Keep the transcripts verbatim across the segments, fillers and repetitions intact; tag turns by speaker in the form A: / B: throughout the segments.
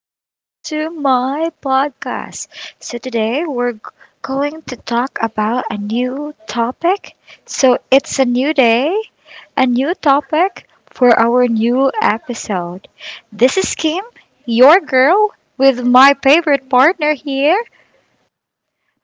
A: back to my podcast. So, today we're g- going to talk about a new topic. So, it's a new day, a new topic for our new episode. This is Kim, your girl, with my favorite partner here.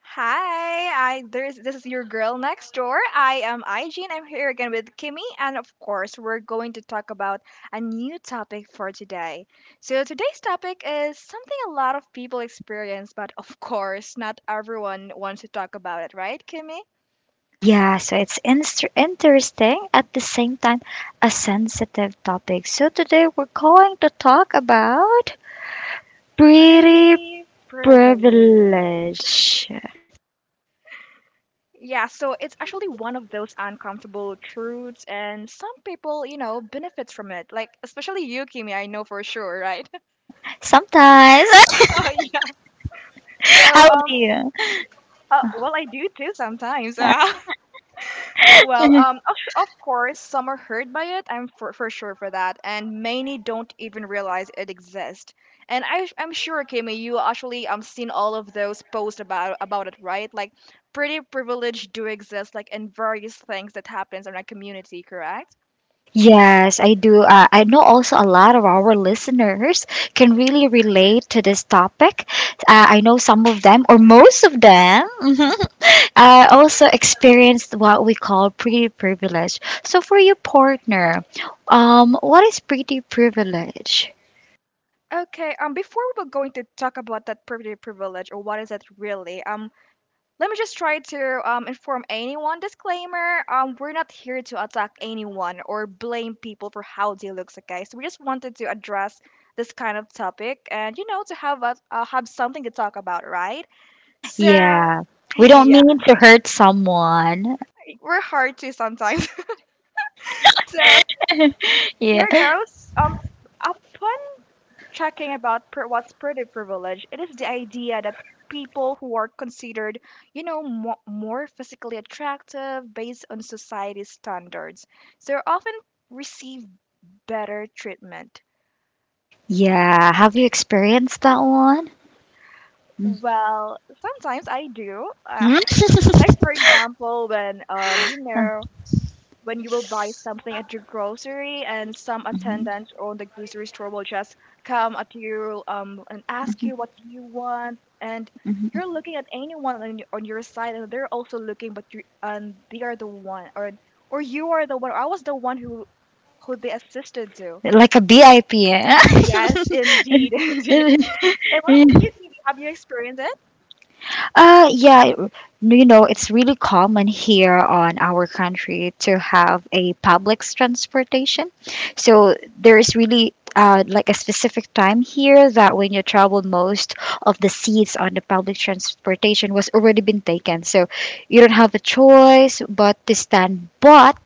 B: Hi, I there's this is your girl next door. I am I G and I'm here again with Kimmy, and of course we're going to talk about a new topic for today. So today's topic is something a lot of people experience, but of course not everyone wants to talk about it, right, Kimmy?
A: Yeah, so it's inst- interesting at the same time a sensitive topic. So, today we're going to talk about pretty
B: Pretty privilege.
A: privilege.
B: Yeah, so it's actually one of those uncomfortable truths, and some people, you know, benefits from it. Like especially you, Kimmy, I know for sure, right?
A: Sometimes.
B: Oh. So,
A: How about
B: um,
A: you?
B: uh, well, I do too sometimes. Well, um, of, su- of course, some are hurt by it. I'm for, for sure for that, and many don't even realize it exists. And I, I'm sure, Kimmy, you actually um seen all of those posts about about it, right? Like, pretty privilege do exist, like in various things that happens in our community, correct?
A: Yes, I do. Uh, I know also a lot of our listeners can really relate to this topic. Uh, I know some of them, or most of them, mhm, uh, also experienced what we call pretty privilege. So, for your partner, um, what is pretty privilege?
B: Okay, um, before we were going to talk about that pretty privilege or what is it really, um, let me just try to um, inform anyone disclaimer. Um, we're not here to attack anyone or blame people for how they look, okay? So guys, we just wanted to address this kind of topic and you know to have us uh, have something to talk about, right? So
A: Yeah, we don't
B: yeah,
A: mean to hurt someone.
B: we're hard to sometimes. So
A: yeah.
B: here goes. Um, upon talking about pr what's pretty privilege, it is the idea that people who are considered, you know, mo more physically attractive based on society's standards, so often receive better treatment.
A: Yeah, have you experienced that one? Mhm.
B: Well, sometimes I do. Like for example, when um, you know, when you will buy something at your grocery and some
A: Mhm,
B: attendant on the grocery store will just come at you, um, and ask you what do you want, and you're
A: mhm,
B: looking at anyone on your, on your side and they're also looking but you, and they are the one, or or you are the one, or I was the one who who they assisted to.
A: mhm. Like a B I P, eh?
B: Yes, indeed, indeed. And what about you, have you experienced it?
A: Uh, yeah, it- you know, it's really common here on our country to have a public transportation. So there is really uh, like a specific time here that when you travel, most of the seats on the public transportation was already been taken. So you don't have a choice but to stand. But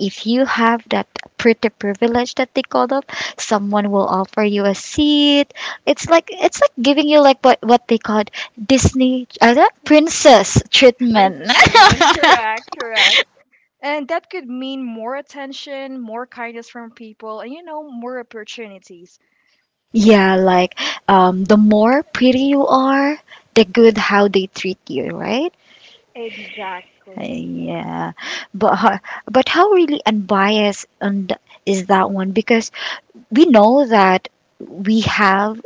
A: if you have that pretty privilege that they call them, someone will offer you a seat. It's like it's like giving you like what what they call Disney uh, that princess
B: Princess
A: treatment.
B: Truman, correct, correct. And that could mean more attention, more kindness from people, and you know, more opportunities.
A: Yeah, like um, the more pretty you are, the good how they treat you, right? Uh,
B: Exactly.
A: yeah, but ho- but how really unbiased and is that one? Because we know that we have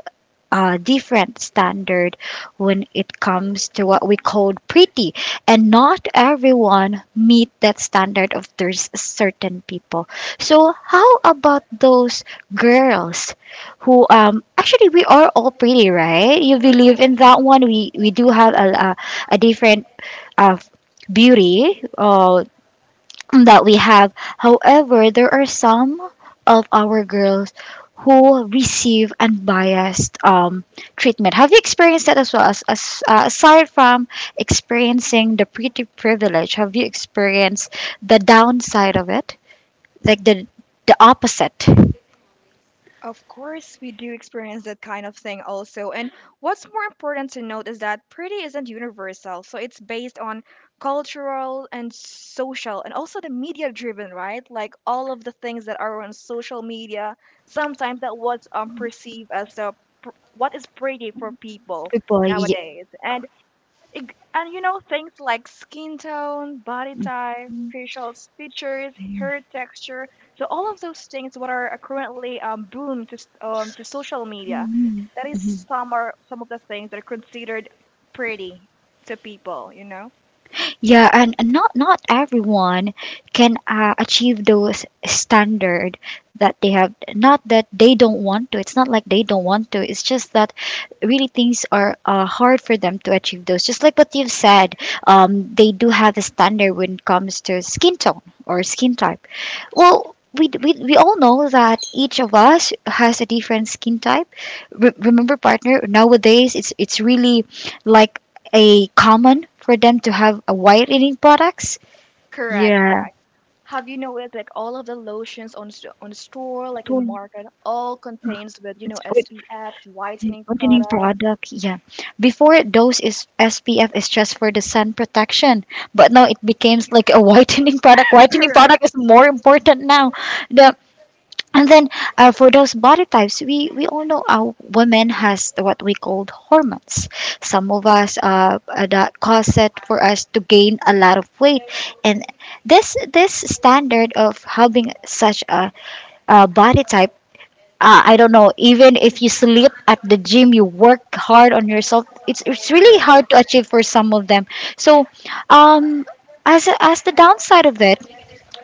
A: uh, different standard when it comes to what we call pretty, and not everyone meet that standard of there's certain people. So how about those girls who um actually we are all pretty, right? You believe in that
B: Mm.
A: one. We we do have a, a, a different uh, beauty uh, that we have. However, there are some of our girls who receive unbiased um, treatment. Have you experienced that as well? As, as uh, aside from experiencing the pretty privilege, have you experienced the downside of it, like the the opposite?
B: Of course, we do experience that kind of thing also. And what's more important to note is that pretty isn't universal. So it's based on cultural and social and also the media driven, right? Like all of the things that are on social media, sometimes that was, um, perceived as the pr- what is pretty for people
A: People, y-
B: nowadays. And Ig- And you know, things like skin tone, body type, facial features, hair texture. So all of those things what are currently um, boom to s- um, to social media.
A: Mhm.
B: That is some are some of the things that are considered pretty to people, you know.
A: Yeah, and not not everyone can uh, achieve those standard that they have. Not that they don't want to. It's not like they don't want to. It's just that really things are uh, hard for them to achieve those. Just like what you've said, um, they do have a standard when it comes to skin tone or skin type. Well, We, we, we all know that each of us has a different skin type. Re- remember, partner, nowadays it's it's really like a common for them to have a whitening products.
B: Correct.
A: Yeah,
B: Correct. Have you noticed like all of the lotions on s- on store like in
A: Tone-
B: market all contains with you
A: it's
B: know S P F
A: white-
B: whitening
A: whitening
B: product.
A: product. Yeah, before those is S P F is just for the sun protection, but now it becomes like a whitening product. Whitening
B: Correct.
A: product is more important now. The And then uh, For those body types, we, we all know our women has what we called hormones. Some of us uh, uh, that cause it for us to gain a lot of weight, and this this standard of having such a, a body type. Uh, I don't know. Even if you sleep at the gym, you work hard on yourself. It's it's really hard
B: Correct.
A: to achieve for some of them. So, um, as as the downside of it,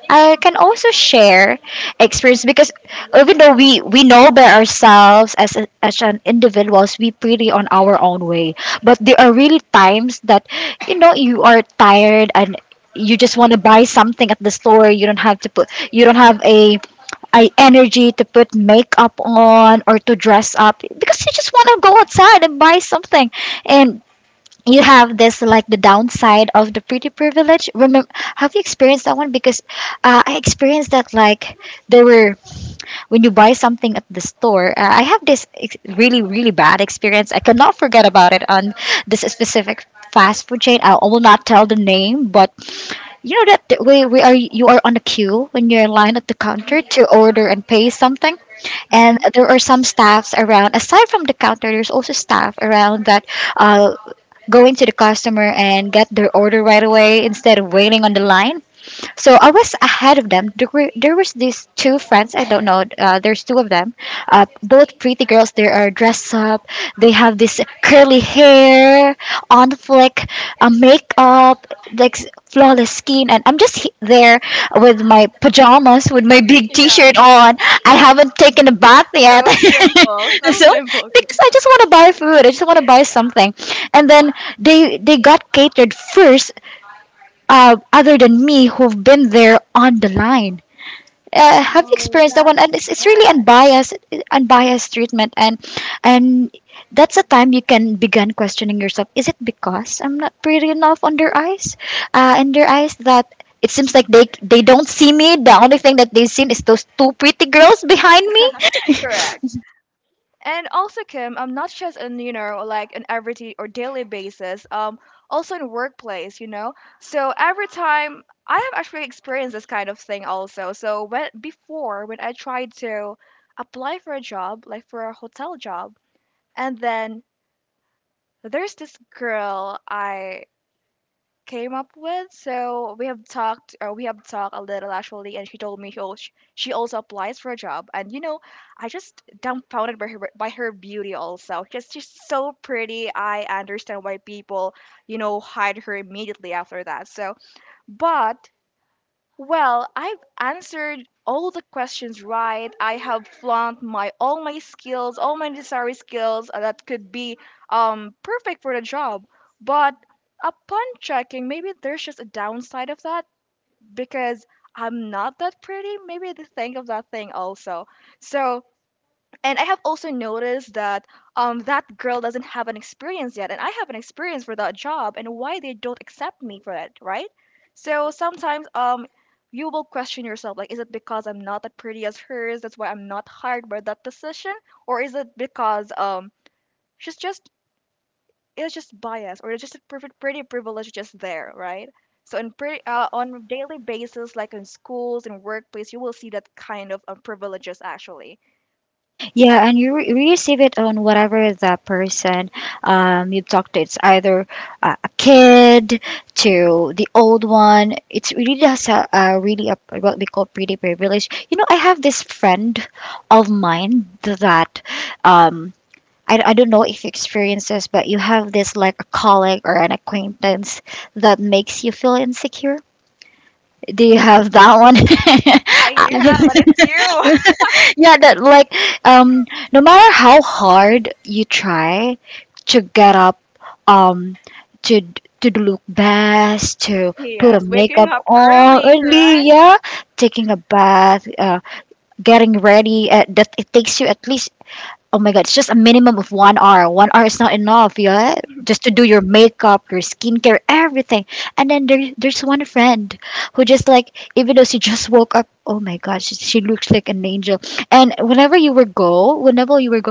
A: I can also share experience, because even though we we know by ourselves as a, as an individuals, we pretty on our own way, but there are really times that, you know, you are tired and you just want to buy something at the store. You don't have to put, you don't have a, a energy to put makeup on or to dress up because you just want to go outside and buy something, and you have this like the downside of the pretty privilege. Remember, have you experienced that one? Because uh, I experienced that, like, there were when you buy something at the store. uh, I have this ex- really really bad experience, I cannot forget about it on this specific fast food chain. I will not tell the name, but you know that th- we, we are you are on a queue when you're in line at the counter to order and pay something. And
B: Mhm.
A: there are some staffs around. Aside from the counter there's also staff around that uh, going to the customer and get their order right away instead of waiting on the line. So I was ahead of them. There were there was these two friends. I don't know. Uh, there's two of them. Uh, both pretty girls. They are dressed up. They have this curly hair, on flick, uh, makeup, like s- flawless skin, and I'm just he- there with my pajamas, with my big T-shirt
B: Yeah.
A: on. I haven't taken a bath yet.
B: So simple, so
A: So
B: simple, Kim.
A: because I just want to buy food, I just want to buy
B: Yeah.
A: something, and then they they got catered first uh, other than me who've been there on the line. Uh, have you
B: Oh,
A: experienced that one? And
B: that's
A: it's, it's really
B: bad.
A: unbiased, unbiased treatment, and and that's a time you can begin questioning yourself. Is it because I'm not pretty enough on their eyes? Uh, in their eyes, that it seems like they they don't see me. The only thing that they see is those two pretty girls behind me.
B: Correct. And also, Kim, um, not just on you know like an everyday or daily basis, um, also in workplace, you know. So every time I have actually experienced this kind of thing also. So when before when I tried to apply for a job, like for a hotel job, and then there's this girl I came up with. So we have talked, or we have talked a little actually, and she told me she al- sh- she also applies for a job. And you know, I just dumbfounded by her by her beauty also. Just she's so pretty. I understand why people, you know, hide her immediately after that. So, but well, I've answered all the questions right. I have flunked my all my skills, all my necessary skills, uh, that could be um perfect for the job. But upon checking, maybe there's just a downside of that because I'm not that pretty. Maybe they think of that thing also. So, and I have also noticed that um, that girl doesn't have an experience yet, and I have an experience for that job, and why they don't accept me for it, right? So sometimes, um, you will question yourself, like, is it because I'm not that pretty as hers? That's why I'm not hired by that position, or is it because, um, she's just, it's just bias, or it's just a perfect pretty privilege just there, right? So in pretty uh, on a daily basis, like in schools and workplace, you will see that kind of uh, privileges actually.
A: Yeah, and you re- receive it on whatever the person um, you've talked to. It's either uh, a kid to the old one. It's really just a, a really a, what we call pretty privilege. You know, I have this friend of mine that um, I, I don't know if you experience this, but you have this like a colleague or an acquaintance that makes you feel insecure. Do you have that one?
B: I do have, but it's you.
A: Yeah, that like um no matter how hard you try to get up um to to look best, to put a
B: Yes, waking
A: makeup
B: up
A: on
B: early,
A: early,
B: correct?
A: yeah, taking a bath, uh, getting ready, uh, that it takes you at least, oh my god, it's just a minimum of one hour. One hour is not enough, yeah? Just to do your makeup, your skincare, everything. And then there, there's one friend who just like, even though she just woke up, oh my god, she, she looks like an angel. And whenever you were go, whenever you were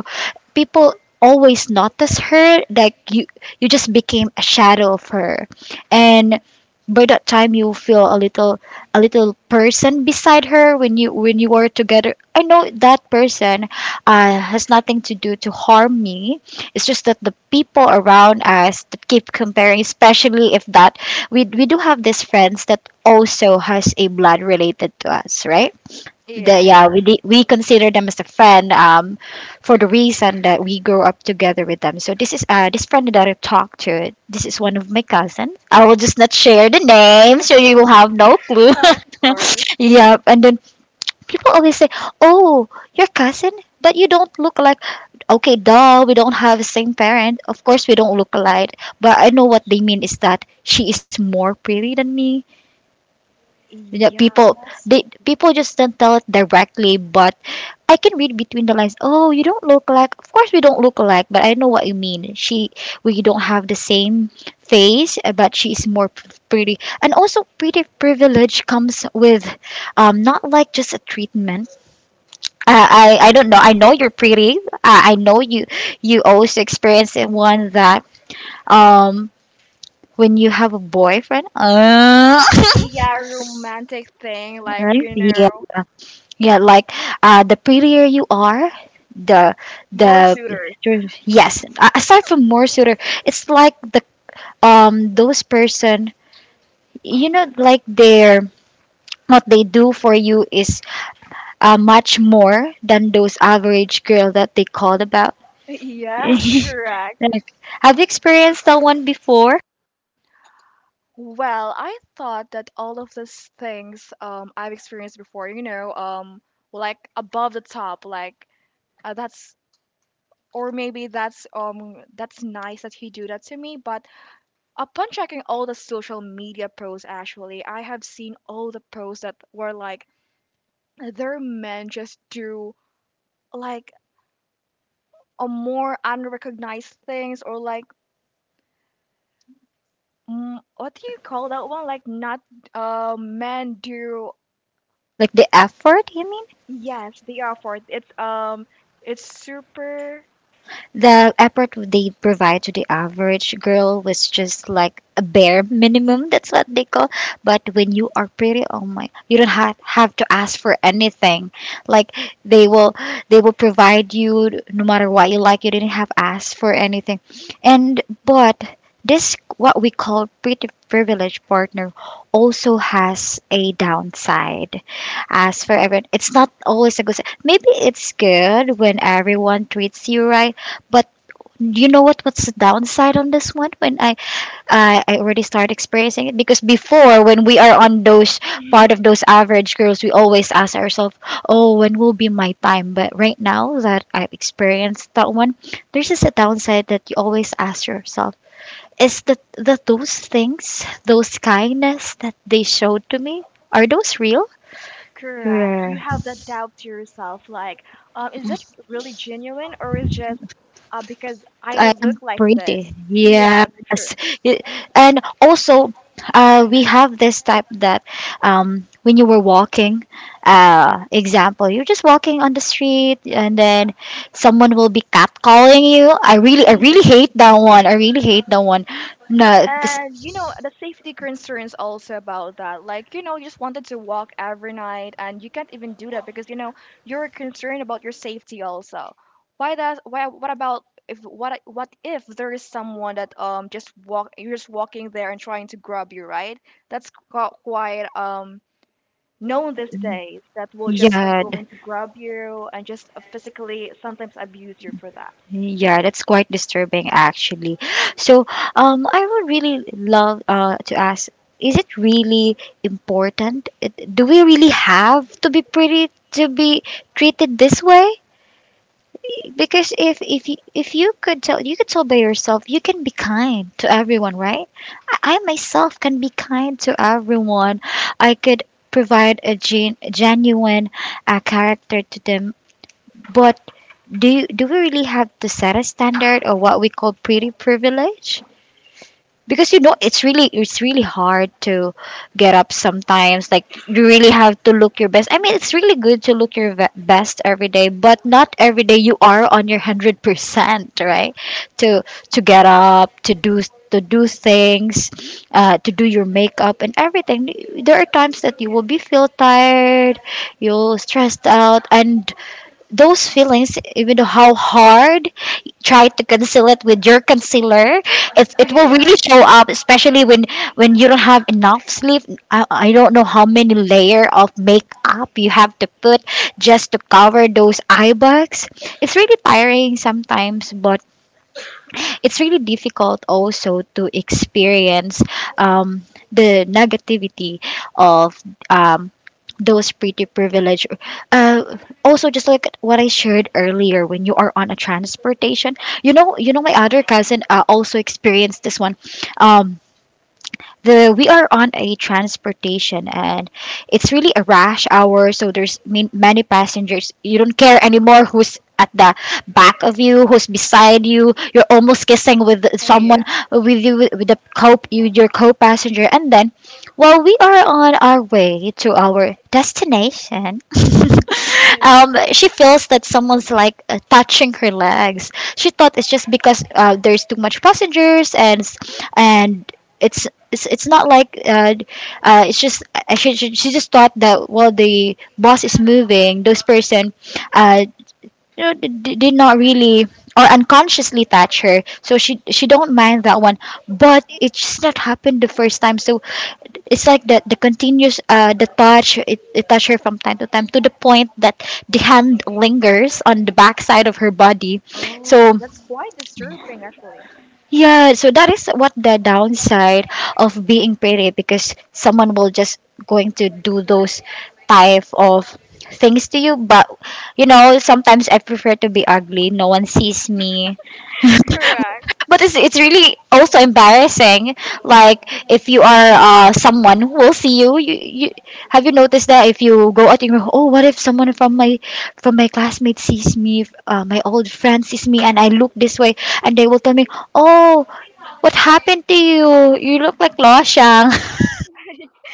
A: people always notice her, like you you just became a shadow of her, and by that time you feel a little, a little person beside her when you when you are together. I know that person uh, has nothing to do to harm me. It's just that the people around us that keep comparing, especially if that we we do have these friends that also has a blood related to us, right? the
B: Yeah,
A: Yeah, we
B: correct.
A: de- we consider them as a friend, um, for the reason that we grow up together with them. So this is uh this friend that I talked to, this is one of my cousins. I will just not share the name so you will have no clue.
B: Of course.
A: Yeah, and then people always say, oh, your cousin, that you don't look like. Okay, duh, we don't have the same parent. Of course we don't look alike, but I know what they mean is that she is more pretty than me. Yeah,
B: Yeah,
A: people they people just don't tell it directly, but I can read between the lines. Oh, you don't look like. Of course, we don't look alike, but I know what you mean. She, we don't have the same face, uh, but she's more p- pretty. And also, pretty privilege comes with, um, not like just a treatment. I, I, I don't know. I know you're pretty. I, I know you, you also experience it one that, um, when you have a boyfriend. Uh,
B: yeah, romantic thing, like,
A: Well,
B: you
A: yeah.
B: know,
A: Yeah, like uh, the prettier you are, the
B: more
A: the
B: suitors.
A: yes. a- Aside from more suitor, it's like the um those person, you know, like their what they do for you is uh, much more than those average girl that they called about.
B: Yes, correct.
A: Like, have you experienced that one before?
B: Well, I thought that all of these things, um, I've experienced before, you know, um, like above the top, like uh, that's or maybe that's um that's nice that he do that to me. But upon checking all the social media posts, actually, I have seen all the posts that were like their men just do like a more unrecognized things or like, mm, what do you call that one like not uh men do,
A: Like the effort, you mean?
B: yes they are for it. It's um it's super.
A: The effort they provide to the average girl was just like a bare minimum. That's what they call. But when you are pretty, oh my, you don't have, have to ask for anything. Like they will, they will provide you no matter what you like. You didn't have asked for anything, and but this what we call pretty privileged partner also has a downside. As for everyone, it's not always a good si, maybe it's good when everyone treats you right, but you know what? What's the downside on this one? When I I, I already started experiencing it because before, when we are on those part of those average girls, we always ask ourselves, "Oh, when will be my time?" But right now that I've experienced that one, there's just a downside that you always ask yourself: Is that that those things, those kindness that they showed to me, are those real?
B: Correct, you
A: Yeah.
B: have that doubt to yourself like, um is that really genuine or is just uh because I
A: I
B: look
A: am
B: like this.
A: pretty.
B: Yes.
A: Yes. Y- And also, uh, we have this type that um, when you were walking, uh, example, you're just walking on the street and then someone will be catcalling you. I really, I
B: True.
A: really hate that one. I really hate that one. No, this,
B: And you know, the safety concerns also about that. Like, you know, you just wanted to walk every night and you can't even do that because you know, you're concerned about your safety also. Why does why what about if what what if there is someone that um just walk you're just walking there and trying to grab you, right? That's qu- quite um known these days that will just um
A: yeah,
B: going to grab you and just uh, physically sometimes abuse you for that.
A: yeah, that's quite disturbing actually. So, um, I would really love uh, to ask, is it really important? It- Do we really have to be pretty to be treated this way? Because if if you, if you could tell, you could tell by yourself, you can be kind to everyone, right? I, I myself can be kind to everyone. I could provide a gen- genuine uh, character to them, but do do we really have to set a standard or what we call pretty privilege, because you know it's really it's really hard to get up sometimes. Like, you really have to look your best. I mean, it's really good to look your ve- best every day, but not every day you are on your one hundred percent, right? To to get up to do, to do things, uh, to do your makeup and everything. There are times that you will be feel tired, you'll stressed out, and those feelings, even though how hard try to conceal it with your concealer, it, it will
B: Yeah.
A: really show up, especially when when you don't have enough sleep. I, I don't know how many layer of makeup you have to put just to cover those eye bags. It's really tiring sometimes, but it's really difficult also to experience um, the negativity of um, those pretty privilege. Uh, Also, just like what I shared earlier, when you are on a transportation, you know, you know, my other cousin uh, also experienced this one. Um, the We are on a transportation, and it's really a rush hour, so there's min- many passengers. You don't care anymore who's at the back of you, who's beside you. You're almost kissing with
B: Yeah.
A: someone with you with the co with your co-passenger, and then while we are on our way to our destination, um she feels that someone's like uh, touching her legs. She thought it's just because uh, there's too much passengers, and s- and it's it's, it's not like, uh, uh, it's just, uh, she, she, she just thought that while the boss is moving those person, uh, you know, d- did not really or unconsciously touch her, so she she don't mind that one. But it just not happened the first time, so it's like that the continuous uh the touch, it, it touch her from time to time, to the point that the hand lingers on the backside of her body.
B: Oh,
A: So
B: that's quite disturbing actually.
A: yeah, so that is what the downside of being pretty, because someone will just going to do those type of things to you. But you know sometimes I prefer to be ugly, no one sees me.
B: Correct.
A: But it's, it's really also embarrassing, like if you are uh, someone who will see you, you you have, you noticed that if you go out in your oh what if someone from my from my classmates sees me, if uh, my old friend sees me and I look this way, and they will tell me, "Oh, what happened to you you look like lo shang."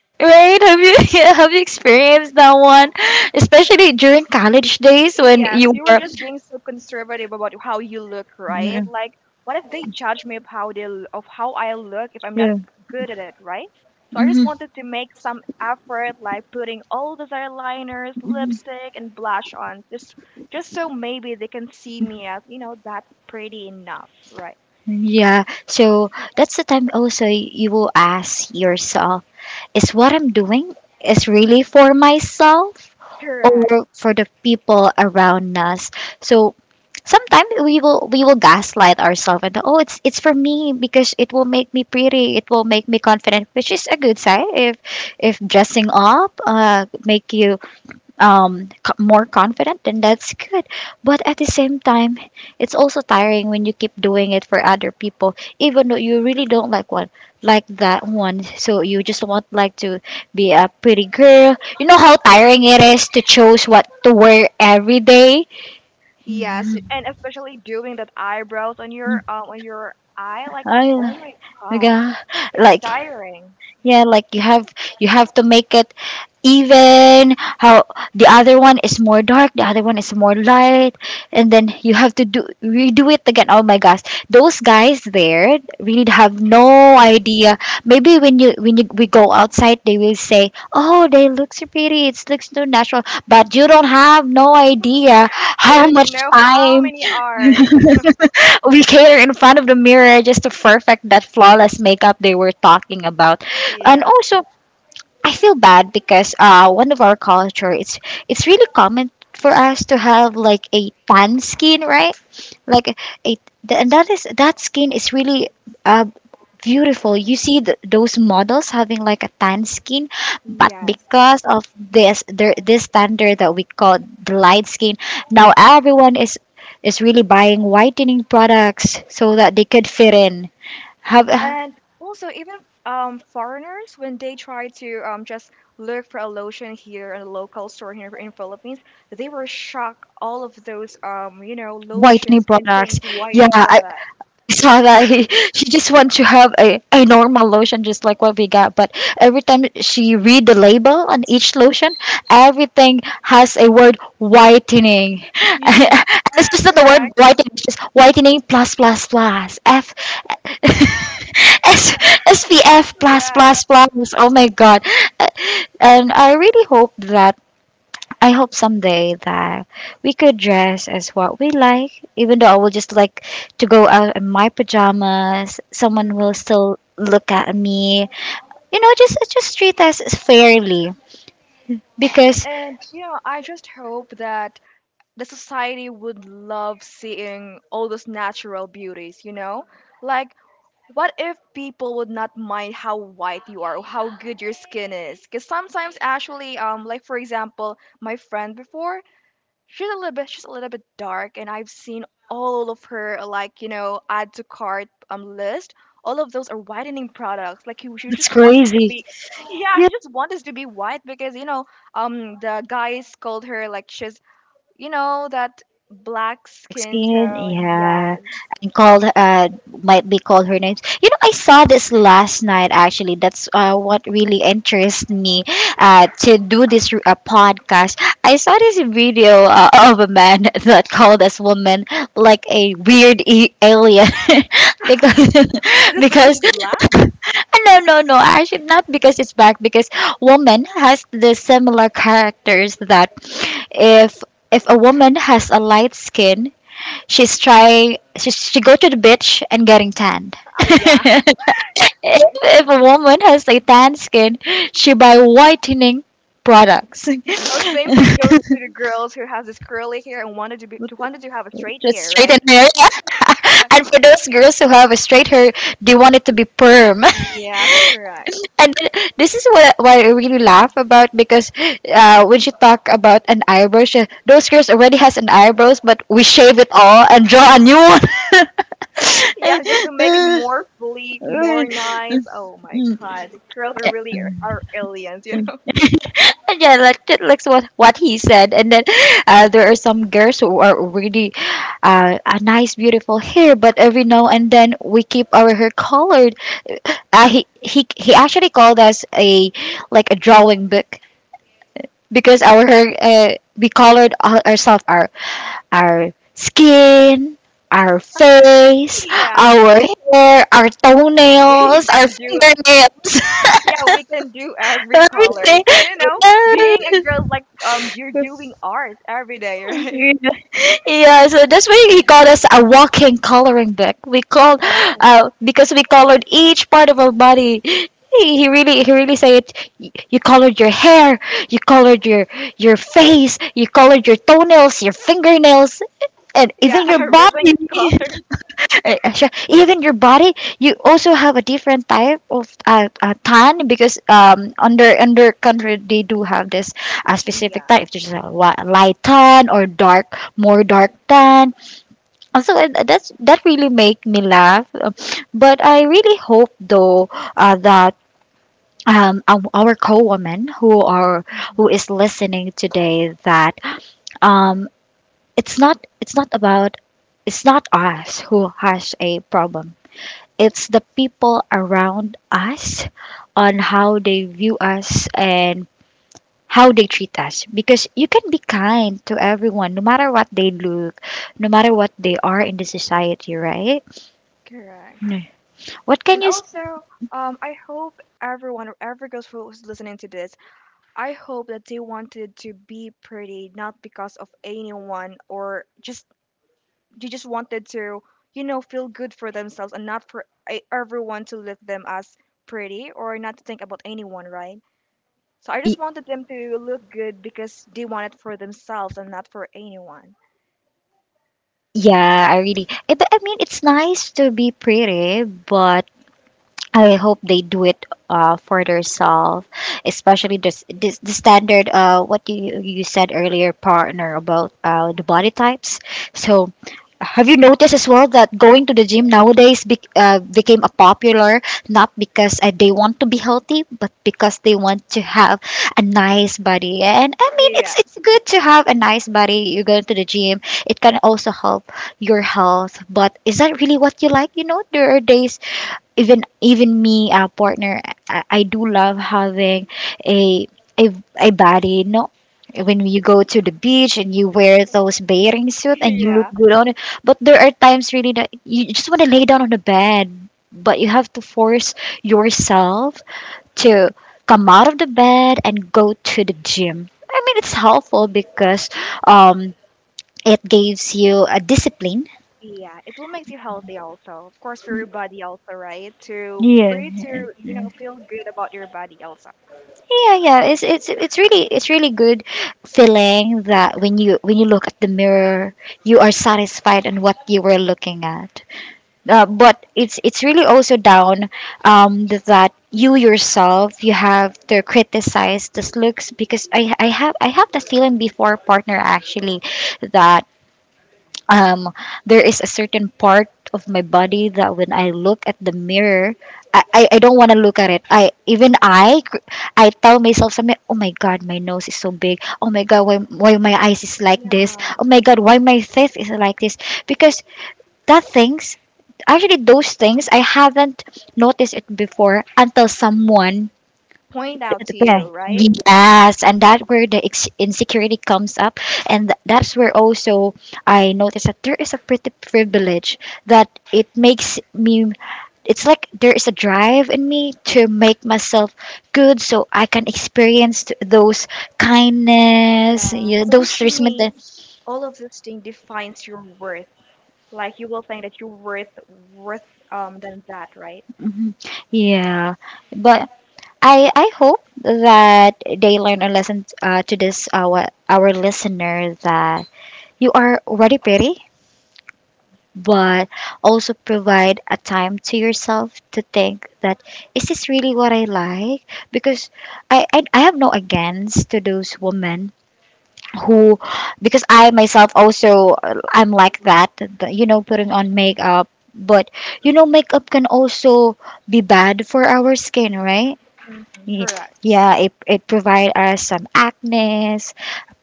A: Right, have you yeah, have you experienced that one, especially during college days when
B: Yes,
A: you
B: you were
A: were?
B: just being so conservative about how you look,
A: Yeah.
B: right? Like, what if they judge me of how they l- of how I look if I'm not
A: Yeah.
B: good at it, right? So I just
A: Mhm.
B: wanted to make some effort, like putting all these eyeliners,
A: Mhm.
B: lipstick, and blush on, just just so maybe they can see me as you know that pretty enough, right?
A: Yeah, so that's the time also you will ask yourself: is what I'm doing is really for myself
B: Correct.
A: or for the people around us? So sometimes we will we will gaslight ourselves, and oh, it's it's for me, because it will make me pretty, it will make me confident, which is a good side. If if dressing up uh make you um co- more confident, then that's good. But at the same time, it's also tiring when you keep doing it for other people, even though you really don't like one, like that one. So you just want like to be a pretty girl. You know how tiring it is to choose what to wear every day.
B: Yes,
A: Mm,
B: and especially doing that eyebrows on your uh, on your eye, like
A: I,
B: oh my
A: like,
B: god,
A: uh,
B: it's
A: like,
B: tiring.
A: yeah, like, you have, you have to make it even. How the other one is more dark, the other one is more light, and then you have to do redo it again. Oh my gosh, those guys there really have no idea. Maybe when you, when you, we go outside, they will say, "Oh, they look so pretty, it looks so natural." But you don't have no idea
B: We
A: how
B: don't
A: much
B: know how
A: time
B: many R's.
A: we cater in front of the mirror just to perfect that flawless makeup they were talking about. And
B: Yeah.
A: also, I feel bad because uh one of our culture, it's it's really common for us to have like a tan skin, right? Like, a th- and that is that skin is really uh beautiful. You see th those models having like a tan skin, but
B: Yes,
A: because of this, there this standard that we call the light skin, now everyone is is really buying whitening products so that they could fit in. Have uh,
B: and also even f- um, foreigners when they try to um, just look for a lotion here in a local store here in Philippines, they were shocked. All of those, um, you know, lotions
A: Whitening products.
B: contains
A: Yeah,
B: whitening
A: I
B: product.
A: saw that. He, she just wants to have a, a normal lotion, just like what we got, but every time she read the label on each lotion, everything has a word whitening. And it's just not the word
B: Correct.
A: whitening, it's just whitening plus plus plus F, S S P F plus
B: Correct.
A: plus plus, oh my god. Uh, and I really hope that, I hope someday that we could dress as what we like, even though I will just like to go out in my pajamas, someone will
B: Hmm.
A: still look at me. You know, just just treat us fairly, because
B: And you know, I just hope that the society would love seeing all those natural beauties. You know, like what if people would not mind how white you are or how good your skin is? Because sometimes, actually, um, like for example, my friend before, she's a little bit, she's a little bit dark, and I've seen all of her like you know add to cart um list. All of those are whitening products. Like you, she
A: it's
B: just wanted to
A: crazy.
B: be. Yeah, she just wanted to be white because you know, um, the guys called her like she's, you know, that black skin
A: Skin,
B: tone. Yes.
A: yeah, and called uh might be called her names. You know, I saw this last night, actually. That's uh what really interests me uh to do this uh, podcast. I saw this video uh, of a man that called this woman like a weird e- alien, because
B: Is it because
A: because
B: she's black?
A: no, no, no. Actually, not because it's back. Because woman has the similar characters that, if if a woman has a light skin, she's trying. She, she go to the beach and getting tanned.
B: I, yeah.
A: if, if a woman has a tan skin, she buy whitening products.
B: Oh, same thing goes to the girls who has this curly hair and wanted to be to wanted to have a straight
A: Just
B: hair,
A: straighten
B: right?
A: hair.
B: Correct.
A: And for those girls who have a straight hair, they want it to be perm.
B: Yes, correct.
A: And this is what, what I really laugh about, because uh, when she talk about an eyebrow, she, those girls already has an eyebrows, but we shave it all and draw a new
B: Yeah, just to make it more sleek, more
A: one.
B: nice. Oh my
A: Mm,
B: god, the girls are really are aliens, you
A: mm.
B: know.
A: And yeah, like that- like what what he said, and then uh, there are some girls who are really uh, a nice, beautiful hair, but every now and then we keep our hair colored. Uh, he he he actually called us a, like a drawing book, because our hair, uh, we colored our- ourselves, our our skin, our face,
B: Yeah,
A: our hair, our
B: we
A: toenails, our
B: can do.
A: fingernails,
B: Yeah, we can do every colors,
A: everything.
B: and you know, being a girl like, um, you're doing art every day, right?
A: Yeah, yeah, so that's why he called us a walking coloring book. We called
B: Oh.
A: uh, because we colored each part of our body. He, he really he really said it. "Y- You colored your hair, you colored your your face, you colored your toenails, your fingernails, and
B: Yeah,
A: even your
B: everything
A: body,
B: is colors.
A: uh, uh, sure. Even your body, you also have a different type of uh, uh, tan, because um under under country, they do have this uh, specific
B: Yeah.
A: type, just a wa- light tan, or dark more dark tan. Also, uh, that's that really make me laugh. Um, but I really hope, though, uh, that um, our our co-woman who are who
B: Mhm.
A: is listening today, that um, it's not it's not about, it's not us who has a problem, it's the people around us, on how they view us and how they treat us. Because you can be kind to everyone, no matter what they look, no matter what they are in the society, right?
B: Correct.
A: Mm. What can
B: And
A: you? s-
B: also, um, I hope everyone, or every girl who's listening to this, I hope that they wanted to be pretty, not because of anyone, or just they just wanted to, you know, feel good for themselves, and not for e- everyone to look them as pretty, or not to think about anyone, right? So I just
A: y-
B: wanted them to look good because they want it for themselves and not for anyone.
A: Yeah, I really. eh, But I mean, it's nice to be pretty, but I hope they do it uh, for themselves, especially this, this the standard uh what you you said earlier, partner, about uh the body types. So have you noticed as well that going to the gym nowadays be, uh, became a popular, not because uh, they want to be healthy, but because they want to have a nice body. And I mean,
B: Yeah.
A: it's it's good to have a nice body. You go to the gym; it can also help your health. But is that really what you like? You know, there are days even even me uh, partner, I, I do love having a a a body, no, when you go to the beach and you wear those bathing suit and you look,
B: Yeah.
A: yeah, good on it, but there are times really that you just want to lay down on the bed, but you have to force yourself to come out of the bed and go to the gym. I mean, it's helpful because um it gives you a discipline.
B: Yeah, it will make you healthy also. Of course, for your body also, right? To for
A: Yeah,
B: you to, you know, feel good about your body also.
A: yeah, yeah, it's it's it's really it's really good feeling that when you, when you look at the mirror, you are satisfied on what you were looking at. uh, but it's it's really also down, um that you yourself you have to criticize this looks, because i i have, I have the feeling before, partner, actually that, um there is a certain part of my body that when I look at the mirror, I, I, I don't want to look at it. I even I cr- I tell myself something. Oh my god, my nose is so big. Oh my god, why why my eyes is like this?
B: Yeah.
A: Oh my god, why my teeth is like this? Because that things actually, those things I haven't noticed it before until someone.
B: Point out to you, right?
A: Yes, and that's where the ex- insecurity comes up, and th- that's where also I noticed that there is a pretty privilege that it makes me. It's like there is a drive in me to make myself good, so I can experience t- those kindness,
B: Yeah,
A: yeah,
B: so
A: those
B: which
A: treatment.
B: means
A: That,
B: all of this thing defines your worth. Like you will think that you're worth worth um than that, right?
A: mhm, yeah, but I I hope that they learn a lesson, uh, to this, our our listener, that you are already pretty, but also provide a time to yourself to think that, is this really what I like? Because I I, I have no against to those women who, because I myself also, uh, I'm like that, the- you know, putting on makeup. But you know, makeup can also be bad for our skin, right?
B: Mm-hmm,
A: Ye-
B: correct.
A: yeah, it, it provide us some acne,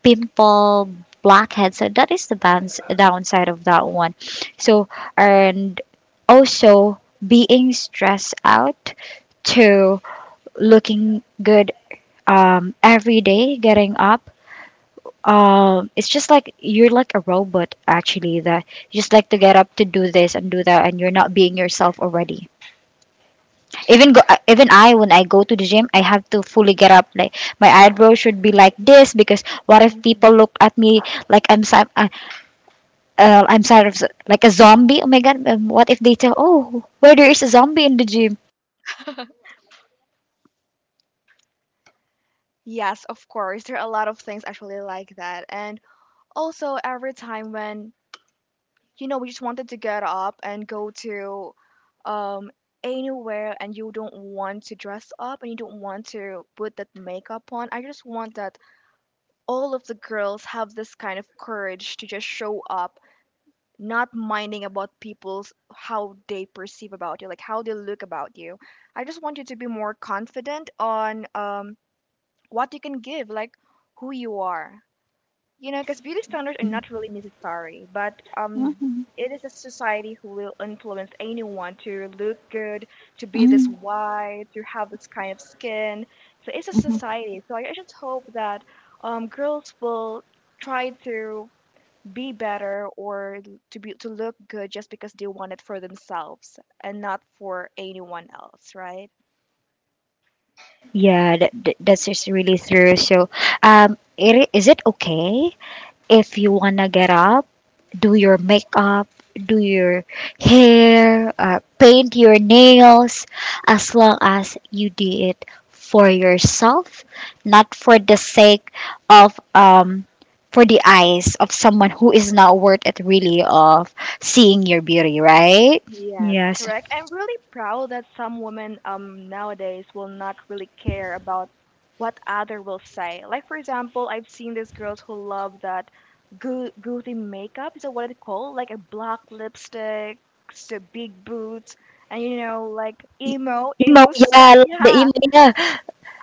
A: pimple, blackhead, so that is the bounce, downside of that one. So, and also, being stressed out to looking good, um, every day getting up, um, it's just like you're like a robot actually, that you just like to get up to do this and do that, and you're not being yourself already. Even go uh, even I when I go to the gym, I have to fully get up, like my eyebrows should be like this, because what if people
B: Hmm.
A: look at me like I'm some uh, uh, I'm sort of like a zombie. Oh my god, um, what if they tell, oh, where there is a zombie in the gym?
B: Yes, of course. There are a lot of things actually like that. And also every time when you know, we just wanted to get up and go to um, anywhere, and you don't want to dress up and you don't want to put that makeup on. I just want that all of the girls have this kind of courage to just show up, not minding about people's how they perceive about you, like how they look about you. I just want you to be more confident on, um, what you can give, like who you are. You know, because beauty standards are
A: Mhm.
B: not really necessary, but, um, it is a society who will influence anyone to look good, to
A: Mhm.
B: be this
A: Mhm.
B: white, to have this kind of skin. So it's a society. So I, I just hope that, um, girls will try to be better or to be to look good just because they want it for themselves and not for anyone else, right?
A: Yeah, that, that, that's just really true. So, um, it, is it okay if you wanna get up, do your makeup, do your hair, uh, paint your nails, as long as you do it for yourself, not for the sake of, um for the eyes of someone who is not worth it, really, of seeing your beauty, right?
B: Yes,
A: Yes.
B: correct. I'm really proud that some women um nowadays will not really care about what other will say. Like for example, I've seen these girls who love that goo- goothy makeup. Is that what it called? Like a black lipstick, so big boots, and you know, like emo,
A: Emo,
B: emo
A: yeah, I
B: style.
A: like the
B: Yeah,
A: emo, yeah.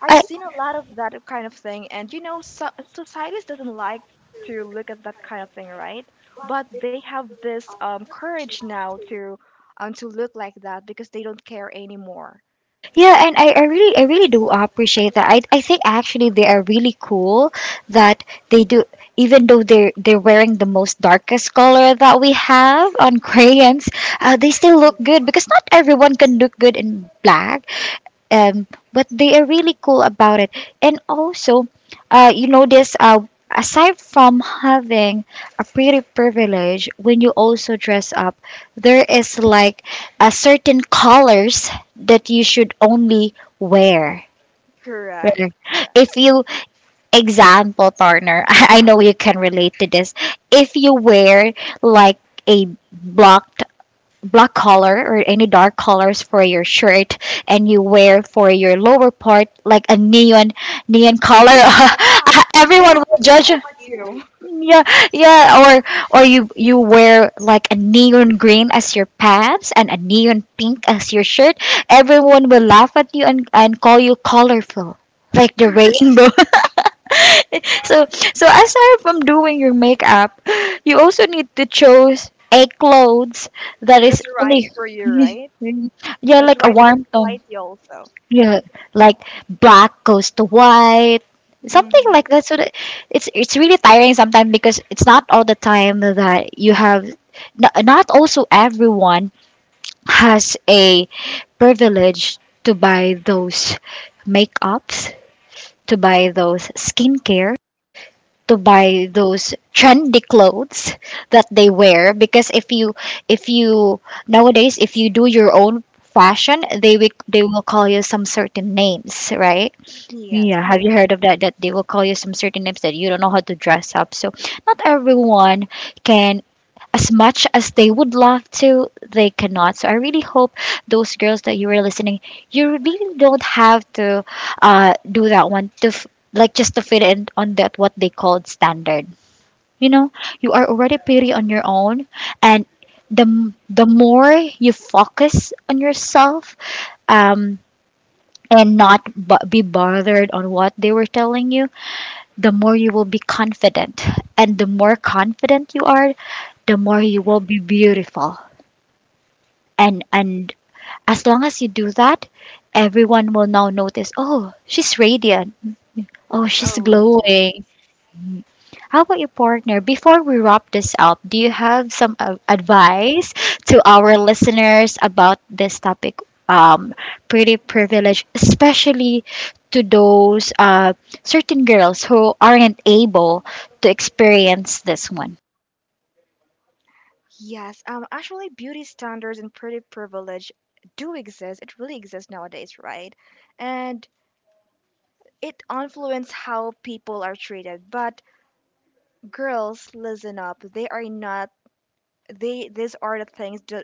B: I've
A: I,
B: seen a lot of that kind of thing, and you know, so- society doesn't like to look at that kind of thing, right? But they have this, um, courage now to, um, to look like that because they don't care anymore.
A: yeah, and I, I really, I really do appreciate that. I I think actually they are really cool, that they do, even though they're they're wearing the most darkest color that we have on crayons, uh, they still look good, because not everyone can look good in black, um, but they are really cool about it. And also, uh, you notice, uh, aside from having a pretty privilege, when you also dress up, there is like a certain colors that you should only wear.
B: Correct.
A: Right.
B: Correct.
A: If you, example, partner, I know you can relate to this. If you wear like a black black color or any dark colors for your shirt, and you wear for your lower part like a neon neon color,
B: Yeah, they
A: everyone will judge.
B: love you.
A: Yeah, yeah, or or you you wear like a neon green as your pants and a neon pink as your shirt. Everyone will laugh at you and and call you colorful, like the rainbow. So, so aside from doing your makeup, you also need to choose a clothes that is
B: That's right
A: only
B: for you, right?
A: yeah,
B: That's
A: like a
B: right for the
A: warm tone.
B: society also.
A: Yeah, like black goes to white, something
B: Hmm.
A: like that. So that it's it's really tiring sometimes, because it's not all the time that you have. Not Not also everyone has a privilege to buy those makeups, to buy those skincare, to buy those trendy clothes that they wear. Because if you if you nowadays, if you do your own fashion, they will they will call you some certain names, right?
B: Yes,
A: Yeah, have you
B: correct.
A: heard of that? That they will call you some certain names, that you don't know how to dress up. So not everyone can, as much as they would love to, they cannot. So I really hope those girls that you were listening, you really don't have to, uh, do that one to f- like just to fit in on that what they called standard. You know, you are already pretty on your own, and the the more you focus on yourself, um, and not b- be bothered on what they were telling you, the more you will be confident. And the more confident you are, the more you will be beautiful. And and as long as you do that, everyone will now notice, oh, she's radiant. Oh, she's
B: Oh yes.
A: glowing. How about your partner? Before we wrap this up, do you have some uh, advice to our listeners about this topic? Um, pretty privileged, especially to those uh, certain girls who aren't able to experience this one.
B: Yes, um, actually, beauty standards and pretty privilege do exist. It really exists nowadays, right? And it influences how people are treated. But girls, listen up. They are not. They these are the things. Do,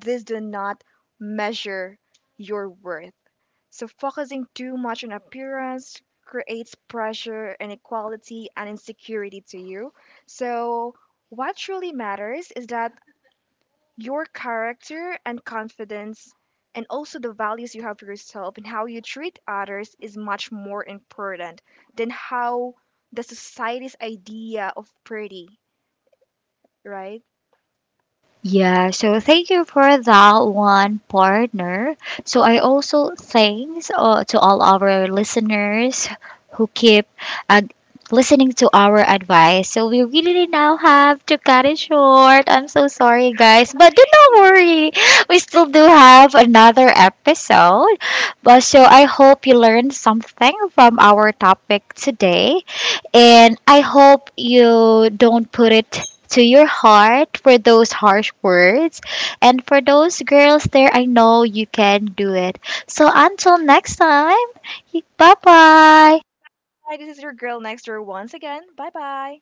B: these do not measure your worth. So focusing too much on appearance creates pressure, inequality, and insecurity to you. So what truly matters is that your character and confidence, and also the values you have for yourself and how you treat others, is much more important than how the society's idea of pretty, right?
A: Yeah, so thank you for that one, partner. So I also thanks, uh, to all our listeners who keep, uh, listening to our advice. So we really now have to cut it short. I'm so sorry, guys, but do not
B: Yeah.
A: worry. We still do have another episode. But so I hope you learned something from our topic today, and I hope you don't put it to your heart for those harsh words. And for those girls there, I know you can do it. So until next time, bye bye.
B: Hi, this is your girl next door once again. Bye bye.